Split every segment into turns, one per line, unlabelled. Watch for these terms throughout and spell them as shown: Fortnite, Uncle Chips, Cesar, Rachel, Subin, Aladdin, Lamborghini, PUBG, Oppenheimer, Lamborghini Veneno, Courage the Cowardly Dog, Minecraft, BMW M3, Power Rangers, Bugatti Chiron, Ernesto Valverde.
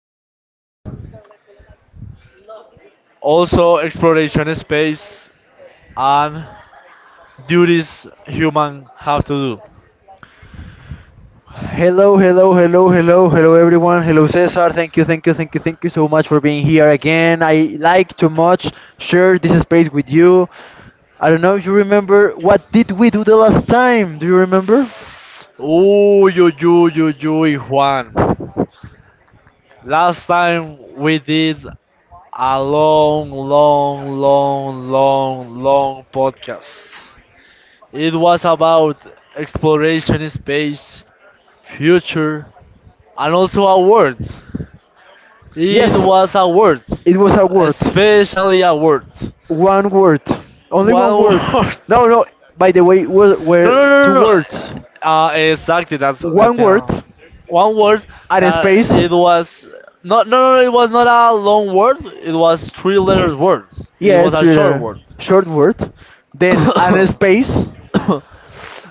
called Also Exploration Space and Duties Human Have to
Hello, hello, hello, hello, hello, everyone. Hello, Cesar. Thank you, thank you, thank you, thank you so much for being here again. I like to much share this space with you. I don't know if you remember what did we do the last time? Do you remember?
Do. Ooh, yo, yo, yo, yo, Juan. Last time we did a long, long, long, long, long podcast. It was about exploration in space, future, and also a world. It
Yes,
was a word,
it was a word.
especially a word.
One word. Only one
One
word.
word.
No, no. By the way, were,
No, no,
were two
no, no,
words.
no. Exactly. That's
One
that's
word
one word
and a
that
space.
it was not. No, no, it was not a long word. It was three letters word. It was
Yes,
a
with
short
a
word.
short word. Then and a space,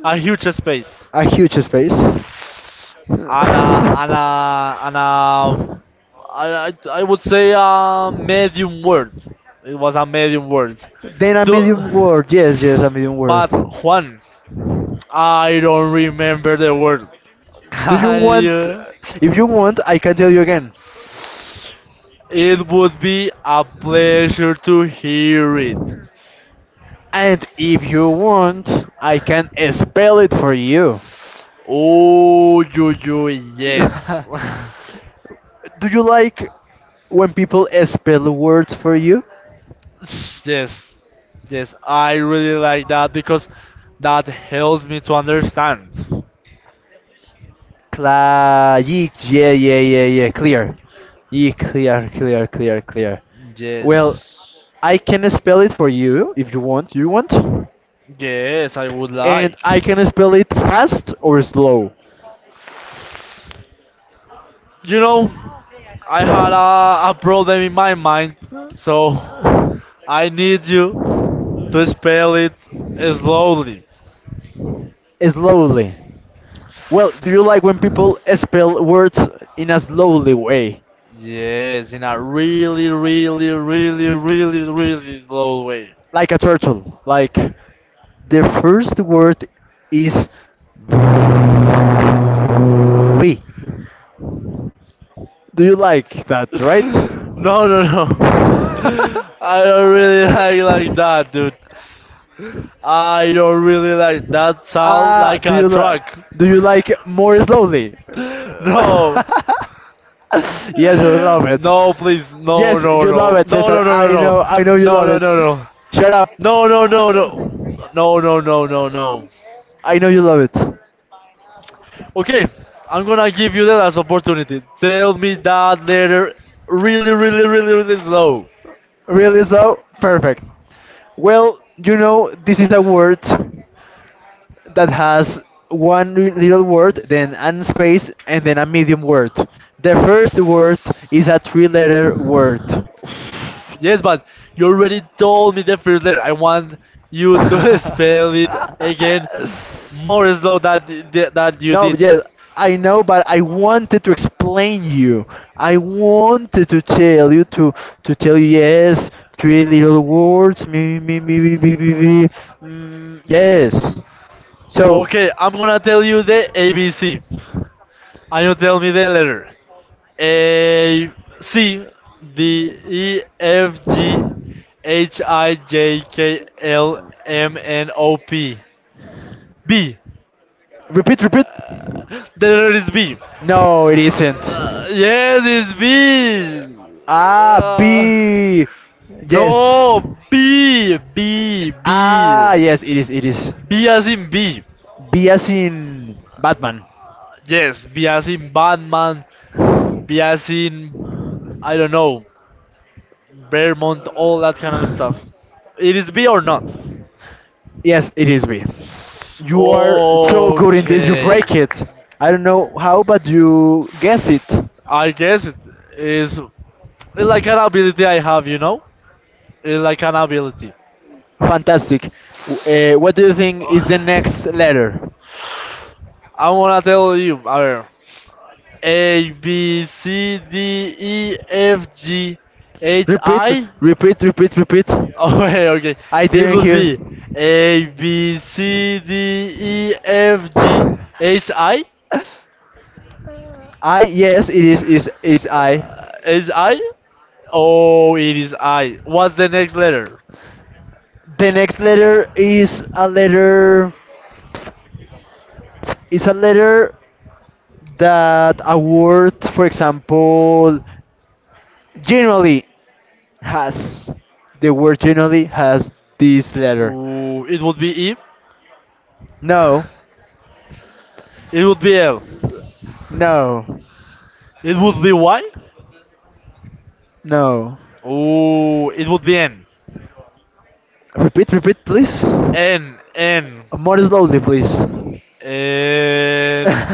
A huge space.
a huge space.
And a
Then
and a and a. I would say a medium word. It was a medium word.
a medium
Do.
word. Yes, yes, a medium word.
But Juan, I don't remember the word.
Do you
Can
want?
you?
If you want, I can tell you again.
It would be a pleasure to hear it.
And if you want, I can spell it for you.
Oh,
Do
yes.
you like when people spell words for you?
Yes. Yes, I really like that because that helps me to understand.
Yeah, yeah, yeah, yeah, clear. Yeah, clear, clear, clear, clear. Well,
Yes.
I can spell it for you if you want. You want?
Yes, I would
And
like.
I can spell it fast or slow.
You know, I had a problem in my mind, so I need you to spell it slowly.
Slowly. Well, do you like when people spell words in a slowly way?
Yes, in a really, really, really, really, really slow way.
Like a turtle. Like the first word is V. Do you like that, right?
No, no, no. I don't really like that, dude. I don't really like that sound
Ah,
like a truck.
do you like more slowly?
No.
Yes, you love it.
No, please. No,
Yes,
no,
you love
no.
it,
No,
Cesar.
no, no, no, no.
I know you
No,
love
no,
it.
no, no.
Shut up.
No, no, no, no. No, no, no, no, no.
I know you love it.
Okay, I'm gonna give you that as opportunity. Tell me that letter really, really, really, really slow.
Really slow? Perfect. Well, this is a word that has one little word, then an space, and then a medium word. The first word is a three letter word.
Yes, but you already told me the first letter. I want you to spell it again more slow that you
No, but
did.
yes, I know, but I wanted to explain you. I wanted to tell you to tell you yes, three little words, me me me me me me. Me. Mm, yes. So,
Okay, I'm gonna tell you the ABC. And you tell me the letter. A C D E F G H I J K L M N O P B.
repeat, repeat.
The letter is B.
No, it isn't.
Yes, it's B.
Ah,
Uh,
B. Yes.
no, B B B
Ah, yes, it is, it is.
B as in B.
B as in Batman.
Yes, B as in Batman. B as in I don't know, Vermont, all that kind of stuff. It is B or not?
Yes, it is B. You are so good in this, you
Okay.
break it. I don't know how, but you guess it.
I guess it's like an ability I have, you know? It's like an ability.
Fantastic. W- what do you think is the next letter?
I want to tell you. A ver. A, B, C, D, E, F, G, H,
Repeat,
I.
repeat, repeat, repeat.
Okay, okay.
I
It
didn't
would
hear.
be A, B, C, D, E, F, G, H, I.
I yes, it is I.
Is I? Oh, it is I. What's the next letter?
The next letter is a letter is a letter that a word, for example, generally has. The word generally has this letter.
Ooh, it would be E.
No,
It would be L.
no,
It would be Y.
no.
Ooh, it would be N.
Repeat, repeat, please.
N, N,
More slowly, please.
N.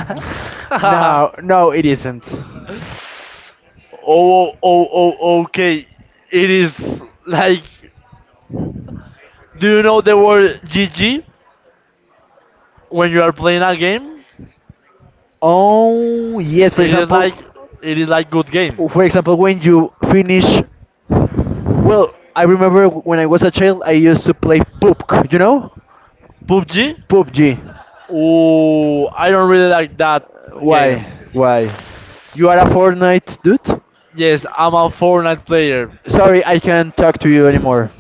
Oh,
No, no, it isn't.
oh, oh, oh, okay. It is like. Do you know the word GG when you are playing a game?
Oh, yes, for
It is
example,
like it is like good game.
when you finish. Well, I remember when I was a child, I used to play PUBG, you know?
PUBG.
PUBG.
Ooh, I don't really like that
Why?
game.
Why? You are a Fortnite dude?
Yes, I'm a Fortnite player.
Sorry, I can't talk to you anymore.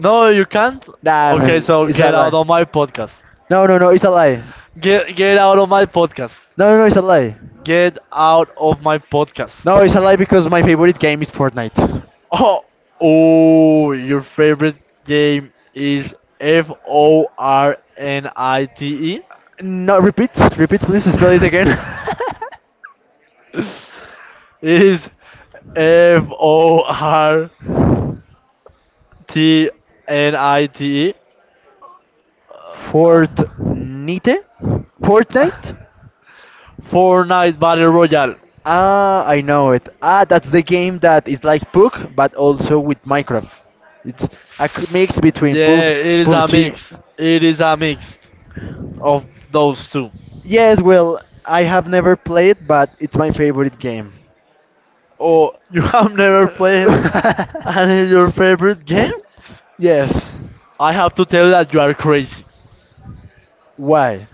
No, you can't.
Nah,
Okay,
man,
so
it's a
get out
lie.
of my podcast.
No, no, no, it's a lie.
Get out of my podcast.
No, no, no, it's a lie.
Get out of my podcast.
No, it's a lie because my favorite game is Fortnite.
Oh, oh, your favorite game is Fornite.
No, repeat, repeat, please spell it again.
It is Fortnite.
Fortnite? Fortnite?
Fortnite Battle Royale.
Ah, I know it. Ah, that's the game that is like PUBG, but also with Minecraft. It's mix between
Yeah, it is a
PUBG.
mix. It is a mix of those two.
Yes, well, I have never played, but it's my favorite game.
Oh, you have never played and it's your favorite game?
Yes.
I have to tell you that you are crazy.
Why?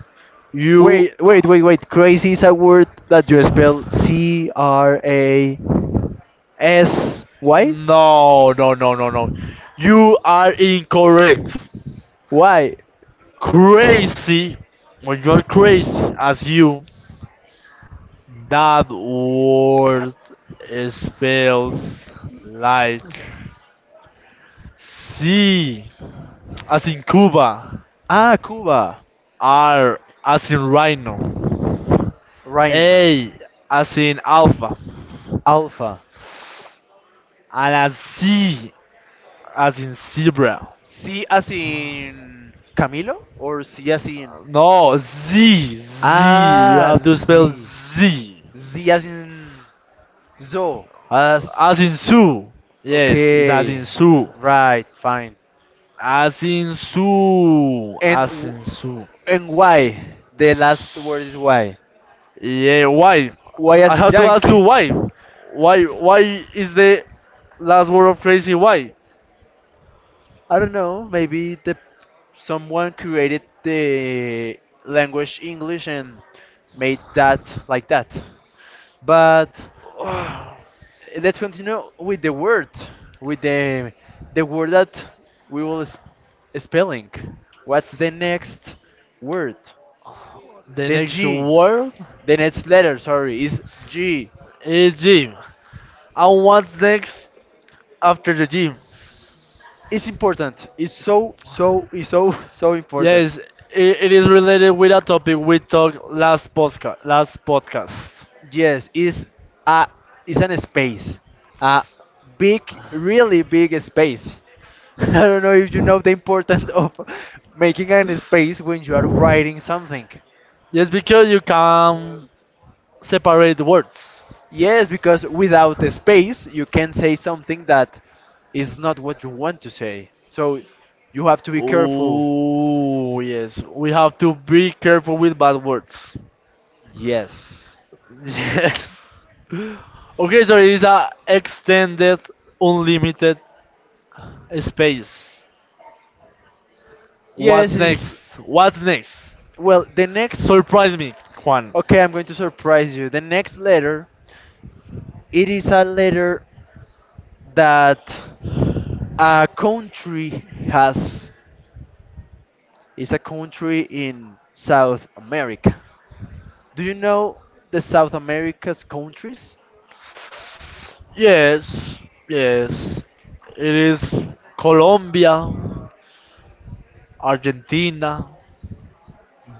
You
Wait, wait, wait, wait. Crazy is a word that you spell Crasy?
No, no, no, no, no. You are incorrect.
Why?
Crazy when you are crazy as you that word spells like Sí, as in Cuba.
Ah, Cuba.
R, as in Rhino.
Reina.
A, as in Alpha.
Alpha.
And a Z, as in Zebra.
C as in Camilo or C as in
No, Z, Z. You
Ah
have to spell
Z.
Z.
Z as in Zo. As
As in Sue. Yes, it's as
Okay,
in Sue.
right, fine.
As in Sue.
And
As
w-
in Sue.
and why? The last word is why.
Yeah, why?
Why
I
as in
have to ask you
Yankee?
why. Why? Why is the last word of crazy? Why?
I don't know. Maybe the someone created the language English and made that like that. But let's continue with the word, with the word that we will spelling. What's the next word?
The
The
next
G.
word
The next letter, sorry, is G.
is gym. And what's next after the gym?
It's important. It's so it's so so important.
Yes, it is related with a topic we talked last podcast. Last podcast.
Yes, a is an space, a big, really big space. I don't know if you know the importance of making an space when you are writing something.
Yes, because you can separate the words.
Yes, because without a space, you can say something that is not what you want to say. So you have to be careful.
Oh yes, we have to be careful with bad words.
Yes.
Yes. Okay, so it is a extended, unlimited space.
Yes,
What's
is
next? What's next?
well, the next.
Surprise me, Juan.
Okay, I'm going to surprise you. The next letter, it is a letter that a country has is a country in South America. Do you know the South America's countries?
Yes, yes. It is Colombia, Argentina,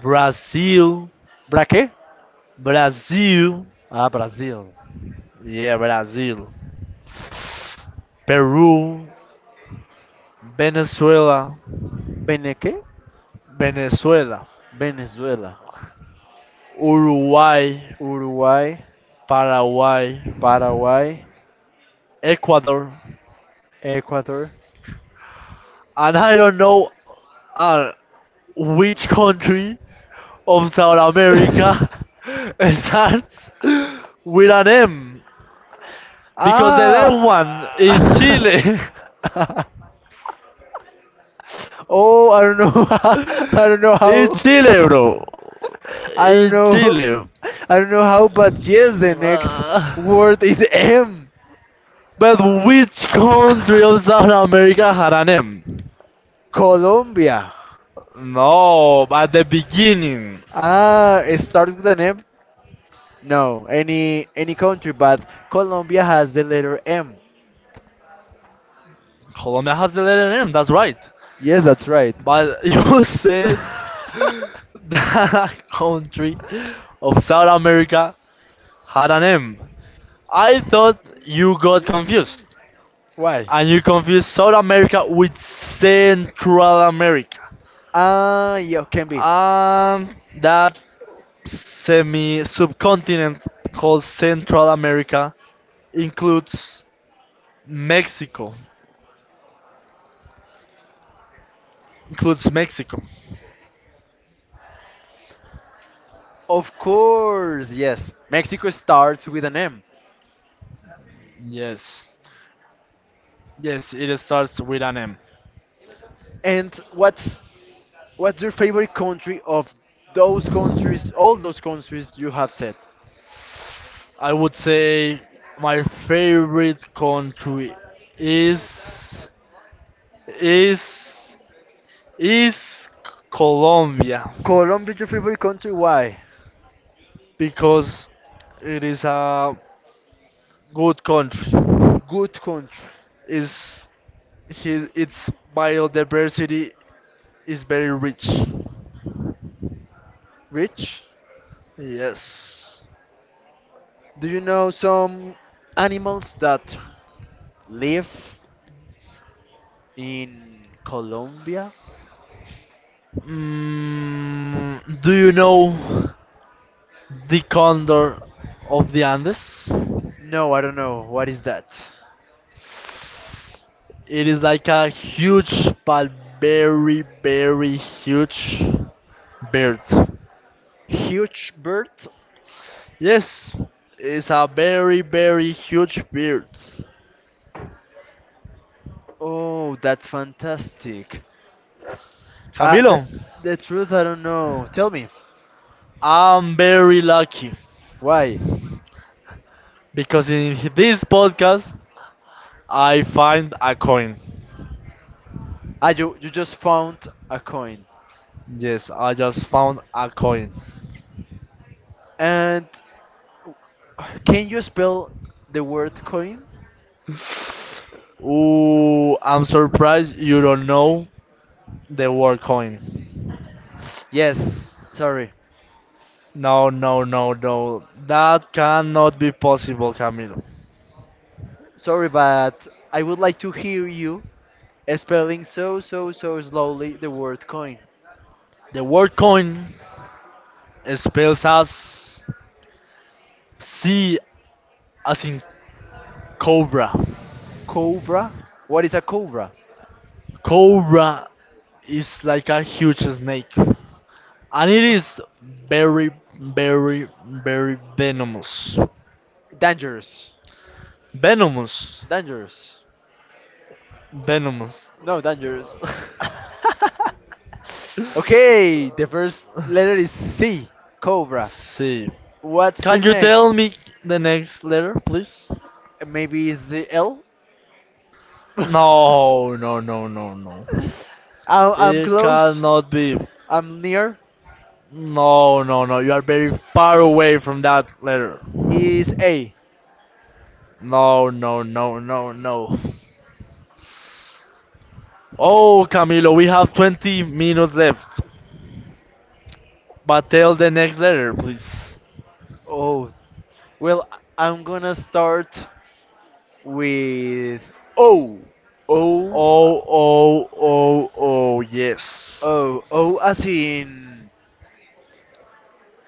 Brazil,
Braque?
Brazil,
Ah, Brazil.
yeah, Brazil, Peru, Venezuela,
Beneque?
Venezuela,
Venezuela.
Uruguay,
Uruguay,
Paraguay,
Paraguay,
Ecuador,
Ecuador.
and I don't know uh, which country of South America starts with an M because the left
Ah!
one is Chile.
Oh, I don't know. I don't know how.
It's Chile, bro.
I don't
It's
know.
Chile.
I don't know how, but yes, the next
Uh,
word is M.
but which country of South America had an M?
Colombia.
No, at the beginning.
Ah, it starts with an M? No, any country, but Colombia has the letter M.
Colombia has the letter M, that's right.
Yes, that's right.
But you said that country of South America had an M. I thought you got confused.
Why?
And you confused South America with Central America.
Yeah, can be.
And that semi subcontinent called Central America includes Mexico. Includes Mexico.
Of course, yes. Mexico starts with an M.
Yes. Yes, it starts with an M.
And what's your favorite country of those countries, all those countries you have said?
I would say my favorite country is is is Colombia
Colombia is your favorite country? Why?
because it is a good country.
Good country.
Is his its biodiversity is very rich.
Rich?
Yes.
Do you know some animals that live in Colombia?
Do you know the condor of the Andes?
No, I don't know. What is that?
It is like a huge, but very, very huge bird.
Huge bird?
Yes, it's a very, very huge bird.
Oh, that's fantastic. Uh, the,
Camilo,
the truth, I don't know. Tell me,
I'm very lucky
why?
because in this podcast I find a coin.
Ah, you just found a coin.
Yes, I just found a coin.
And can you spell the word coin?
Ooh, I'm surprised you don't know the word coin.
Yes, sorry.
No, no, no, no. That cannot be possible, Camilo.
Sorry, but I would like to hear you spelling so, so, so slowly the word coin.
The word coin spells as C as in cobra.
Cobra? What is a cobra?
Cobra is like a huge snake. And it is very, very, very venomous.
Dangerous.
Venomous.
Dangerous.
Venomous.
No, dangerous. Okay, the first letter is C. Cobra.
See.
What's the
Can you
next?
tell me the next letter, please?
Maybe it's the L? I,
No, no, no, no, no.
I'm
It
close.
cannot be.
I'm near.
No, no, no. You are very far away from that letter.
Is A.
No, no, no, no, no. Oh, Camilo, we have 20 minutes left. But tell the next letter, please.
Oh, well, I'm gonna start with O. O.
Oh, oh, oh, oh, yes.
Oh,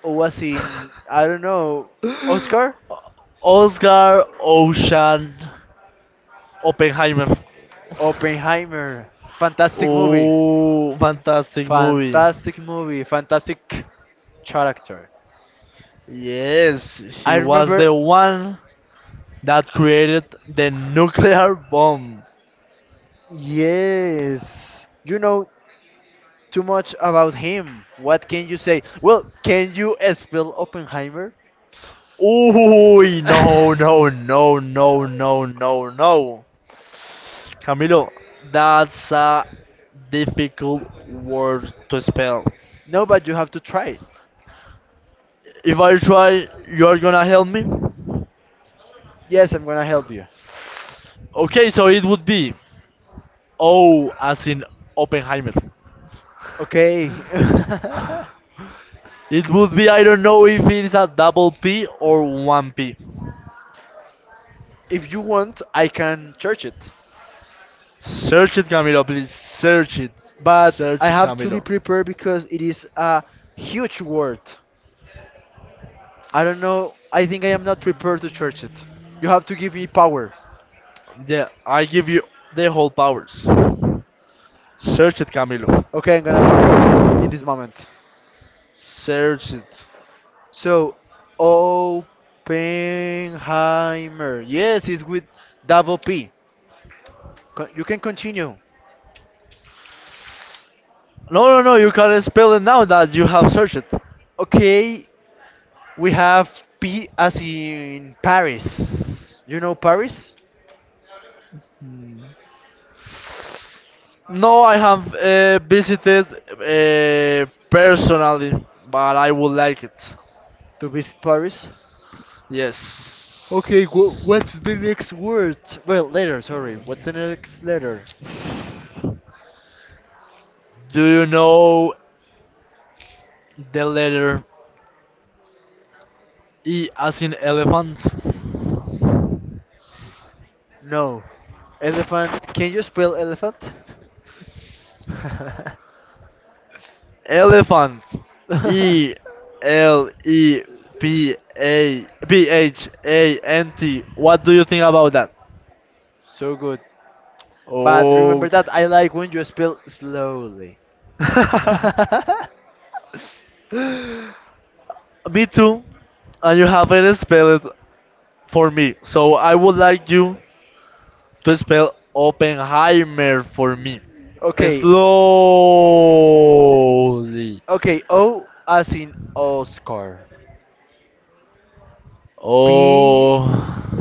oh, as in, I don't know, Oscar?
Oscar Ocean Oppenheimer.
Oppenheimer. Fantastic movie.
Oh, fantastic movie.
Fantastic movie. Fantastic character.
Yes,
I
he was
remember,
the one that created the nuclear bomb.
yes. You know too much about him. What can you say? Well, can you spell Oppenheimer?
Ooh, no, no, no, no, no, no, no. Camilo, that's a difficult word to spell.
No, but you have to try it.
If I try, you're gonna help me?
Yes, I'm gonna help you.
Okay, so it would be O as in Oppenheimer.
Okay.
It would be, I don't know if it is a double P or one P.
If you want, I can search it.
Search it, Camilo, please. Search it.
But
Search
I
it,
have to be
Camilo.
prepared because it is a huge word. I don't know. I think I am not prepared to church it. You have to give me power.
Yeah, I give you the whole powers. Search it, Camilo.
Okay, I'm gonna find in this moment.
Search it.
So, Oppenheimer. Yes, it's with double P. You can continue.
No, no, no, you can spell it now that you have searched it.
Okay, we have P as in Paris. You know Paris?
No, I have visited personally, but I would like it.
To visit Paris?
Yes.
Okay, what's the next word? Well, letter, sorry. What's the next letter?
Do you know the letter E as in elephant?
No. Elephant. Can you spell elephant?
Elephant. Elepaphant. What do you think about that?
So good. But
Oh.
remember that I like when you spell slowly.
Me too. And you haven't spelled it for me. So I would like you to spell Oppenheimer for me.
Okay,
Slowly.
okay. O as in Oscar. P,
Oh.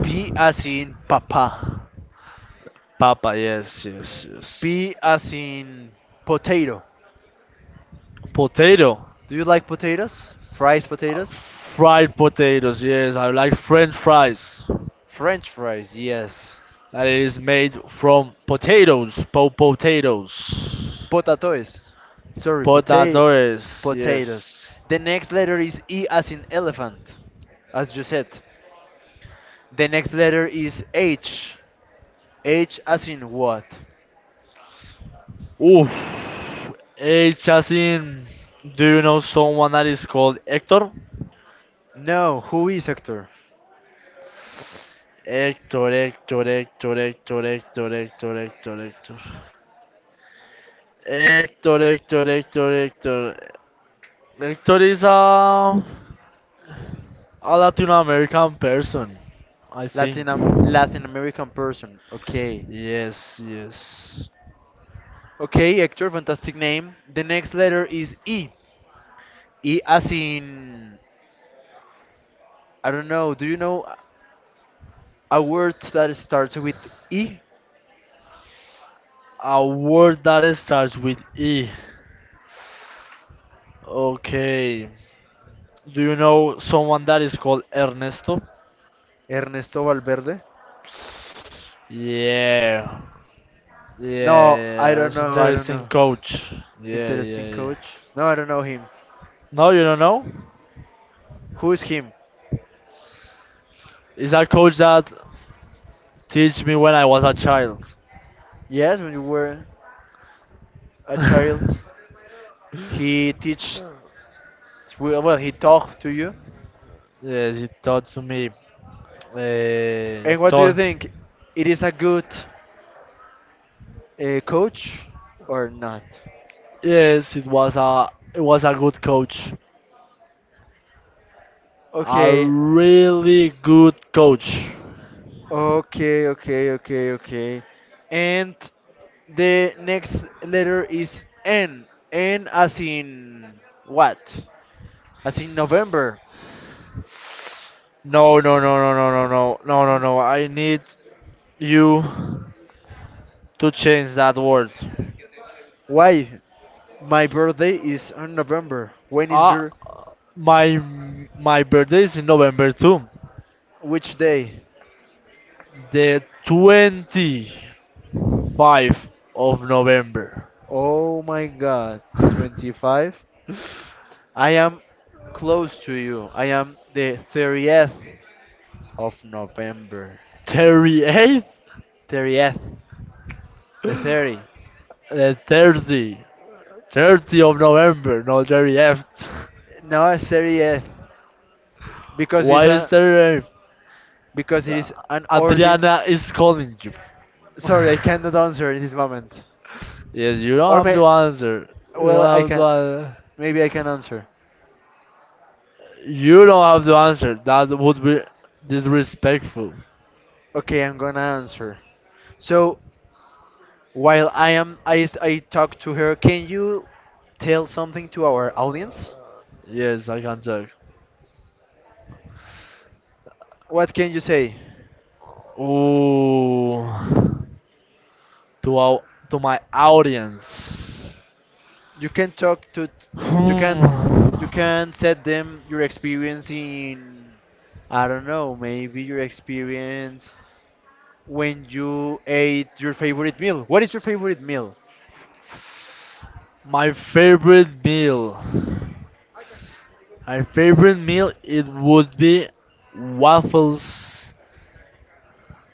P as in papa.
Papa, yes, yes, yes.
P as in potato.
Potato.
Do you like potatoes? Fries
Uh,
potatoes?
Fried potatoes, yes. I like French fries.
French fries, yes.
That it is made from potatoes.
Potatoes. Sorry,
Potatoes,
potatoes.
yes.
The next letter is E as in elephant, as you said. The next letter is H. H as in what?
Oof. Hey, Chasin, do you know someone that is called Hector?
No, who is actor?
Hector, Hector, Hector, Hector, Hector, Hector, Hector, Hector. Héctor, Héctor, Héctor, Héctor. Héctor is a Latin American person, I think.
Latin American person. Okay.
Yes, yes.
Okay, actor, fantastic name. The next letter is E. E as in I don't know. Do you know a word that starts with E?
A word that starts with E. Okay. Do you know someone that is called Ernesto?
Ernesto Valverde.
Yeah. Yeah,
No, I
yeah.
don't
It's
know. I don't
interesting
know.
coach. Yeah, yeah,
Interesting
yeah.
coach. No, I don't know him.
No, you don't know?
Who is him?
Is that coach that teach me when I was a child.
Yes, when you were a child,
Yes,
he teach well. Well, he talked to you.
it taught to me. Uh,
And what do you
Taught.
think? It is a good coach or not?
Yes, it was a good coach, a
Okay,
really good coach.
okay, okay, okay, okay. And the next letter is N. N as in what? As in November.
No, no, no, no, no, no, no, no, no, no. I need you to change that word.
Why? My birthday is on November. When is
Ah,
your
my my birthday is in November too.
which day?
The 25th of November.
Oh my god, 25. I am close to you. I am the 30th of November.
38?
30th. The 30.
30. 30 of November, not very F.
No, 30th because it's
Why is
a
there
because it
a...
is an ordin.
Adriana is calling you.
Sorry, I cannot answer in this moment.
Yes, you don't
Or
have
may
to answer. You
well I
don't have to
can,
answer.
maybe I can answer.
You don't have to answer. That would be disrespectful.
Okay, I'm gonna answer. So while I am, I talk to her. Can you tell something to our audience?
Yes, I can talk.
What can you say?
Ooh. To, our, to my audience.
You can talk to, you
Hmm.
can, you can set them your experience in, I don't know, maybe your experience when you ate your favorite meal. What is your favorite meal?
My favorite meal. My favorite meal it would be waffles.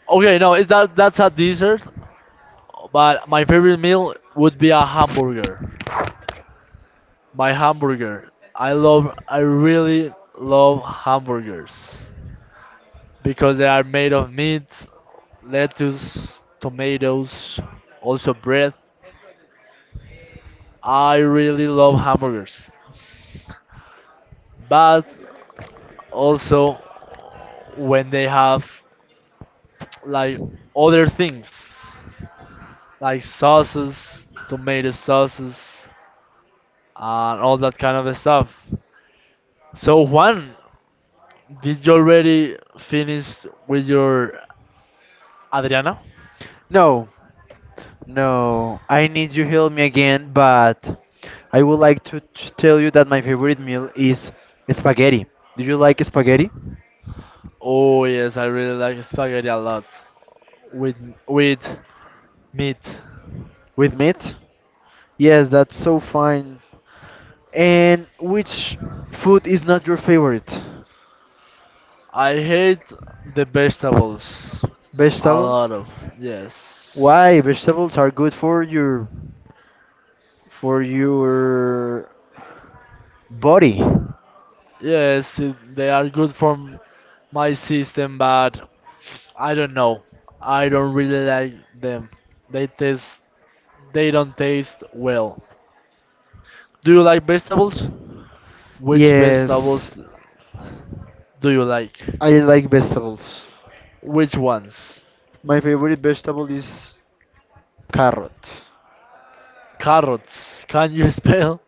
Okay, no, is that that's a dessert, but my favorite meal would be a hamburger. My hamburger. I really love hamburgers because they are made of meat, lettuce, tomatoes, also bread. I really love hamburgers. But also when they have like other things like sauces, tomato sauces, and all that kind of stuff. So Juan, did you already finish with your Adriana?
No, no, I need you help me again, but I would like to tell you that my favorite meal is spaghetti. Do you like spaghetti
Oh yes, I really like spaghetti a lot with with meat.
with meat? Yes, that's so fine. And which food is not your favorite?
I hate the vegetables. A
Vegetables?
lot of yes.
Why? Vegetables are good for your for your body.
Yes, they are good for my system, but I don't know. I don't really like them. They taste, they don't taste well. Do you like vegetables? Which
Yes,
vegetables do you like?
I like vegetables.
Which ones?
My favorite vegetable is carrot.
Carrots. Can you spell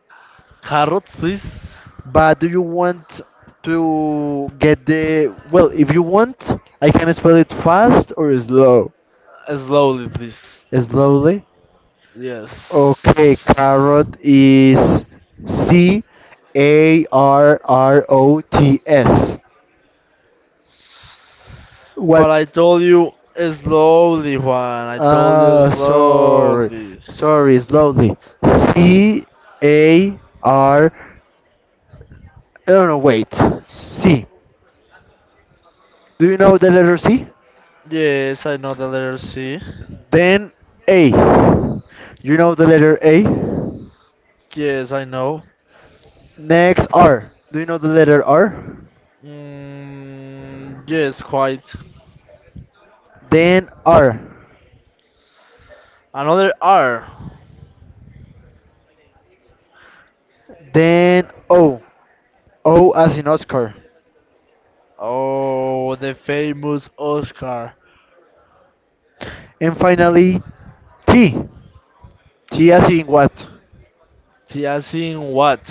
carrots, please?
But do you want to get the well? If you want, I can spell it fast or slow.
Slowly, please.
Slowly. Okay,
Yes.
carrot is Carrots. What?
But I told you slowly, Juan. I told you
Sorry,
slowly.
sorry. Slowly. C A R. I don't know. Wait. C. Do you know the letter C?
Yes, I know the letter C.
Then A. You know the letter A?
Yes, I know.
Next R. Do you know the letter R?
Mm, yes, quite.
Then R.
Another R.
Then O. O as in Oscar.
Oh, the famous Oscar.
And finally T. T as in what?
Tiasin what?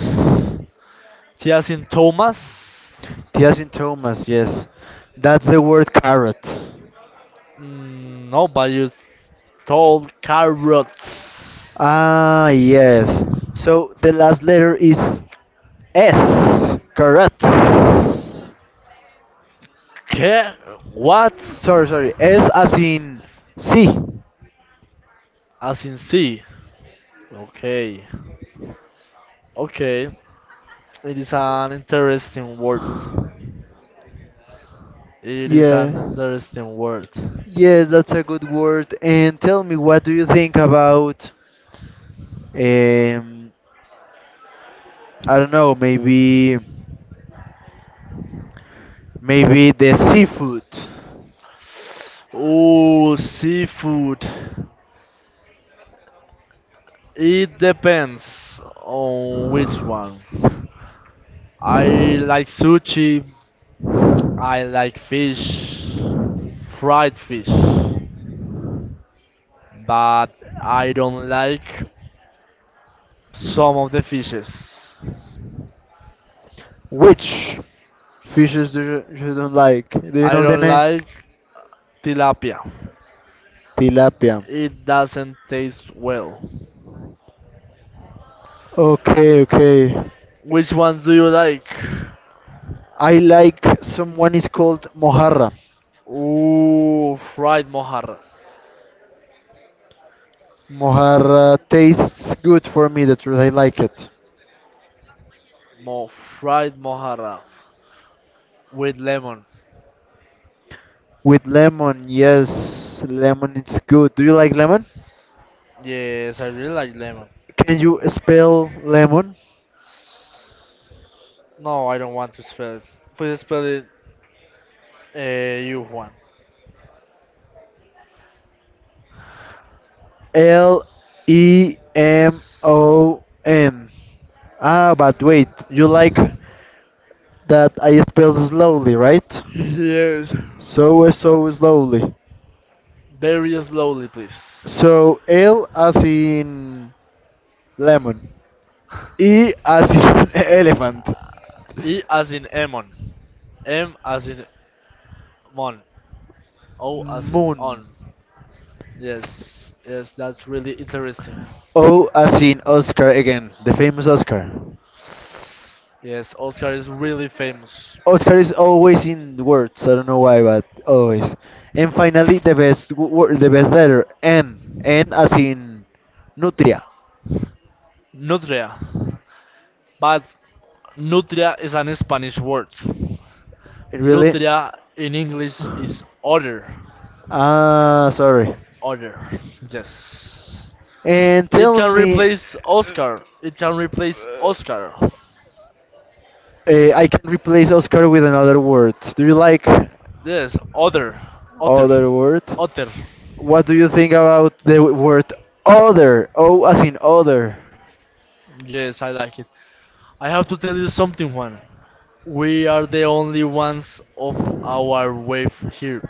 Tiasin Thomas?
T as in Thomas, yes. That's the word carrot.
Mm, no, but you told carrots.
Ah, yes. So the last letter is S. Correct.
Okay, what?
Sorry, sorry. S as in C.
As in C. Okay. Okay. It is an interesting word. It is
Yeah.
an interesting word.
Yes, that's a good word. And tell me, what do you think about, um, I don't know, maybe the seafood?
Oh, seafood. It depends on which one. I like sushi. I like fish, fried fish, but I don't like some of the fishes.
Which fishes do you don't like? Do you
I
know the
don't
name?
like tilapia.
Tilapia.
It doesn't taste well.
Okay, okay.
Which ones do you like?
I like someone is called mojarra.
Ooh, fried mojarra.
Mojarra tastes good for me. The truth, I like it
Mo Fried mojarra with lemon.
with lemon. Yes, lemon is good. Do you like lemon?
Yes, I really like lemon.
Can you spell lemon?
No, I don't want to spell it. Please spell it you Juan.
L E M O N. Ah, but wait, you like that I spell slowly, right?
Yes.
So slowly.
Very slowly, please.
So, L as in lemon, E as in elephant,
E as in Emon. M as in Mon. O as in
moon,
On. Yes, yes, that's really interesting.
O as in Oscar again, the famous Oscar.
Yes, Oscar is really famous.
Oscar is always in words. I don't know why, but always. And finally, the best word, the best letter, N. N as in nutria.
Nutria. But Nutria is an Spanish word.
It really.
Nutria in English is other.
Ah, sorry.
Other. Yes.
And
It
tell
can
me,
replace Oscar. It can replace Oscar.
I can replace Oscar with another word. Do you like
Yes, other. Other.
other word?
Other.
What do you think about the word other? O as in other.
Yes, I like it. I have to tell you something, Juan. We are the only ones of our wave here.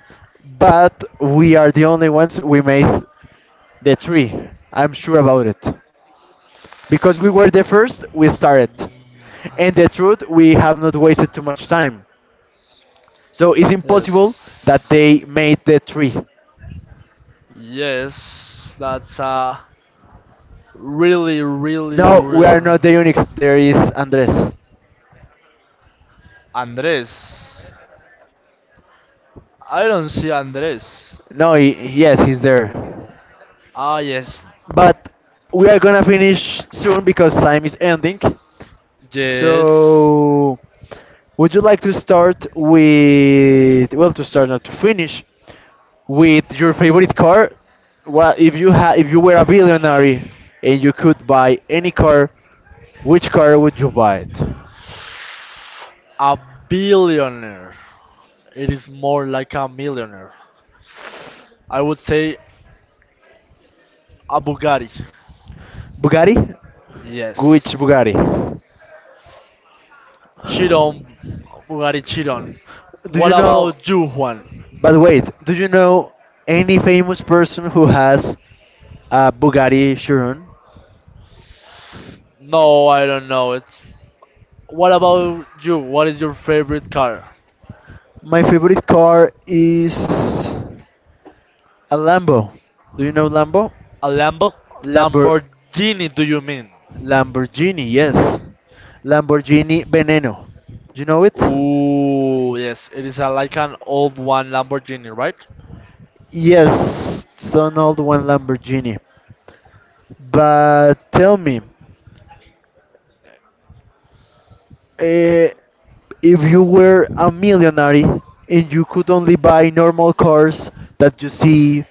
But we are the only ones we made the tree. I'm sure about it. Because we were the first, we started. And the truth, we have not wasted too much time. So it's impossible
Yes.
that they made the tree.
Yes, that's a really, really,
No, we are
really.
not the Unix. There is Andres.
Andres. I don't see Andres.
No, he, yes, he's there.
Ah, yes.
But we are gonna finish soon because time is ending.
Yes.
So, would you like to start with, well, to start, not to finish, with your favorite car? Well, if you were a billionaire and you could buy any car, which car would you buy it?
A billionaire. It is more like a millionaire. I would say a Bugatti.
Bugatti? Which
Yes.
Bugatti?
Chiron, Bugatti Chiron.
Do
What
you know,
about you, Juan?
but wait, do you know any famous person who has a Bugatti Chiron?
No, I don't know it. What about you? What is your favorite car?
My favorite car is a Lambo. Do you know Lambo?
A Lambo?
Lambor
Lamborghini, do you mean?
Lamborghini, yes. Lamborghini Veneno. You know it?
Ooh, yes, it is like an old one Lamborghini, right?
Yes, it's an old one Lamborghini. But tell me, eh, if you were a millionaire and you could only buy normal cars that you see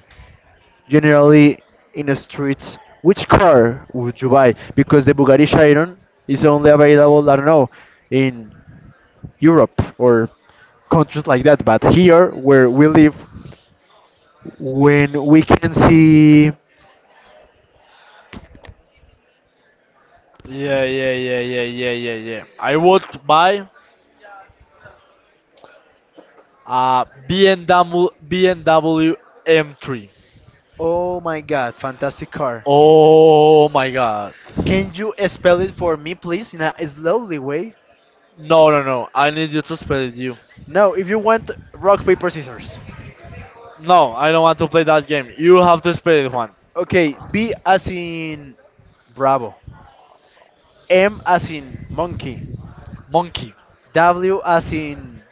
generally in the streets, which car would you buy? Because the Bugatti Chiron is only available, I don't know, in Europe or countries like that. But here, where we live, when we can see,
Yeah, yeah, yeah, yeah, yeah, yeah, yeah. I would buy a BMW, BMW M3.
oh my god, fantastic car.
Oh my god.
Can you spell it for me please in a slowly way?
No, no, no. I need you to spell it, you.
No, if you want, rock paper scissors.
No, I don't want to play that game. You have to spell it, Juan.
Okay, B as in bravo, M as in monkey,
Monkey.
W as in,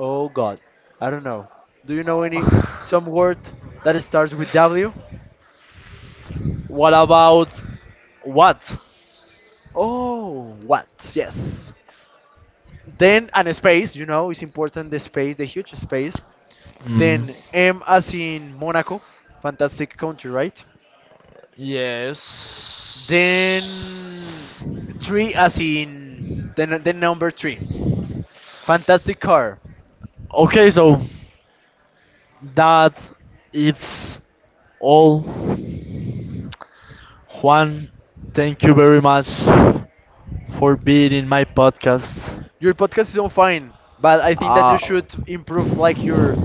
oh god, I don't know, do you know any some word that starts with W?
What about what?
Oh, what? Yes, then and a space, you know it's important the space, the huge space.
Mm.
Then M as in Monaco, fantastic country, right?
Yes.
Then three as in then number three, fantastic car.
Okay, so that it's all. Juan, thank you very much for being in my podcast.
Your podcast is on fine, but I think that you
Uh,
should improve like your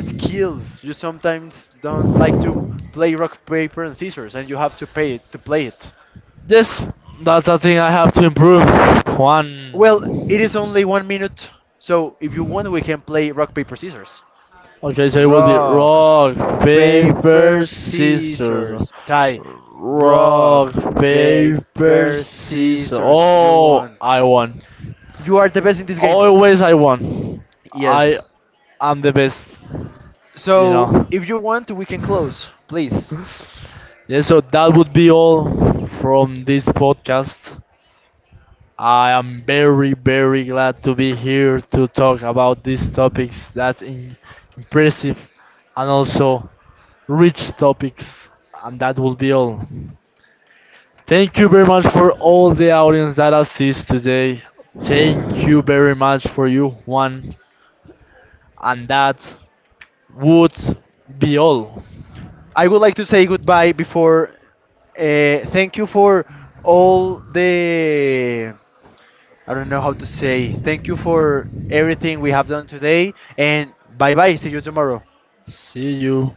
skills. You sometimes don't like to play rock paper and scissors, and you have to pay it to play it.
yes, that's a thing I have to improve.
Well,
One.
it is only one minute, so if you want, we can play rock paper scissors.
Okay, so it will be
Rock.
rock, paper,
Paper,
scissors.
scissors, tie.
Rock,
Rock,
paper,
paper,
scissors.
scissors. You
Oh,
won.
I won.
You are the best in this game.
Always I won. I
Yes.
am the best, you
So,
know.
if you want, we can close, please.
Yeah, so that would be all from this podcast. I am very, very glad to be here to talk about these topics that impressive and also rich topics. And that will be all. Thank you very much for all the audience that assists today. Thank you very much for you, Juan. And that would be all.
I would like to say goodbye before. Thank you for all the. I don't know how to say. Thank you for everything we have done today, and bye bye. See you tomorrow.
See you.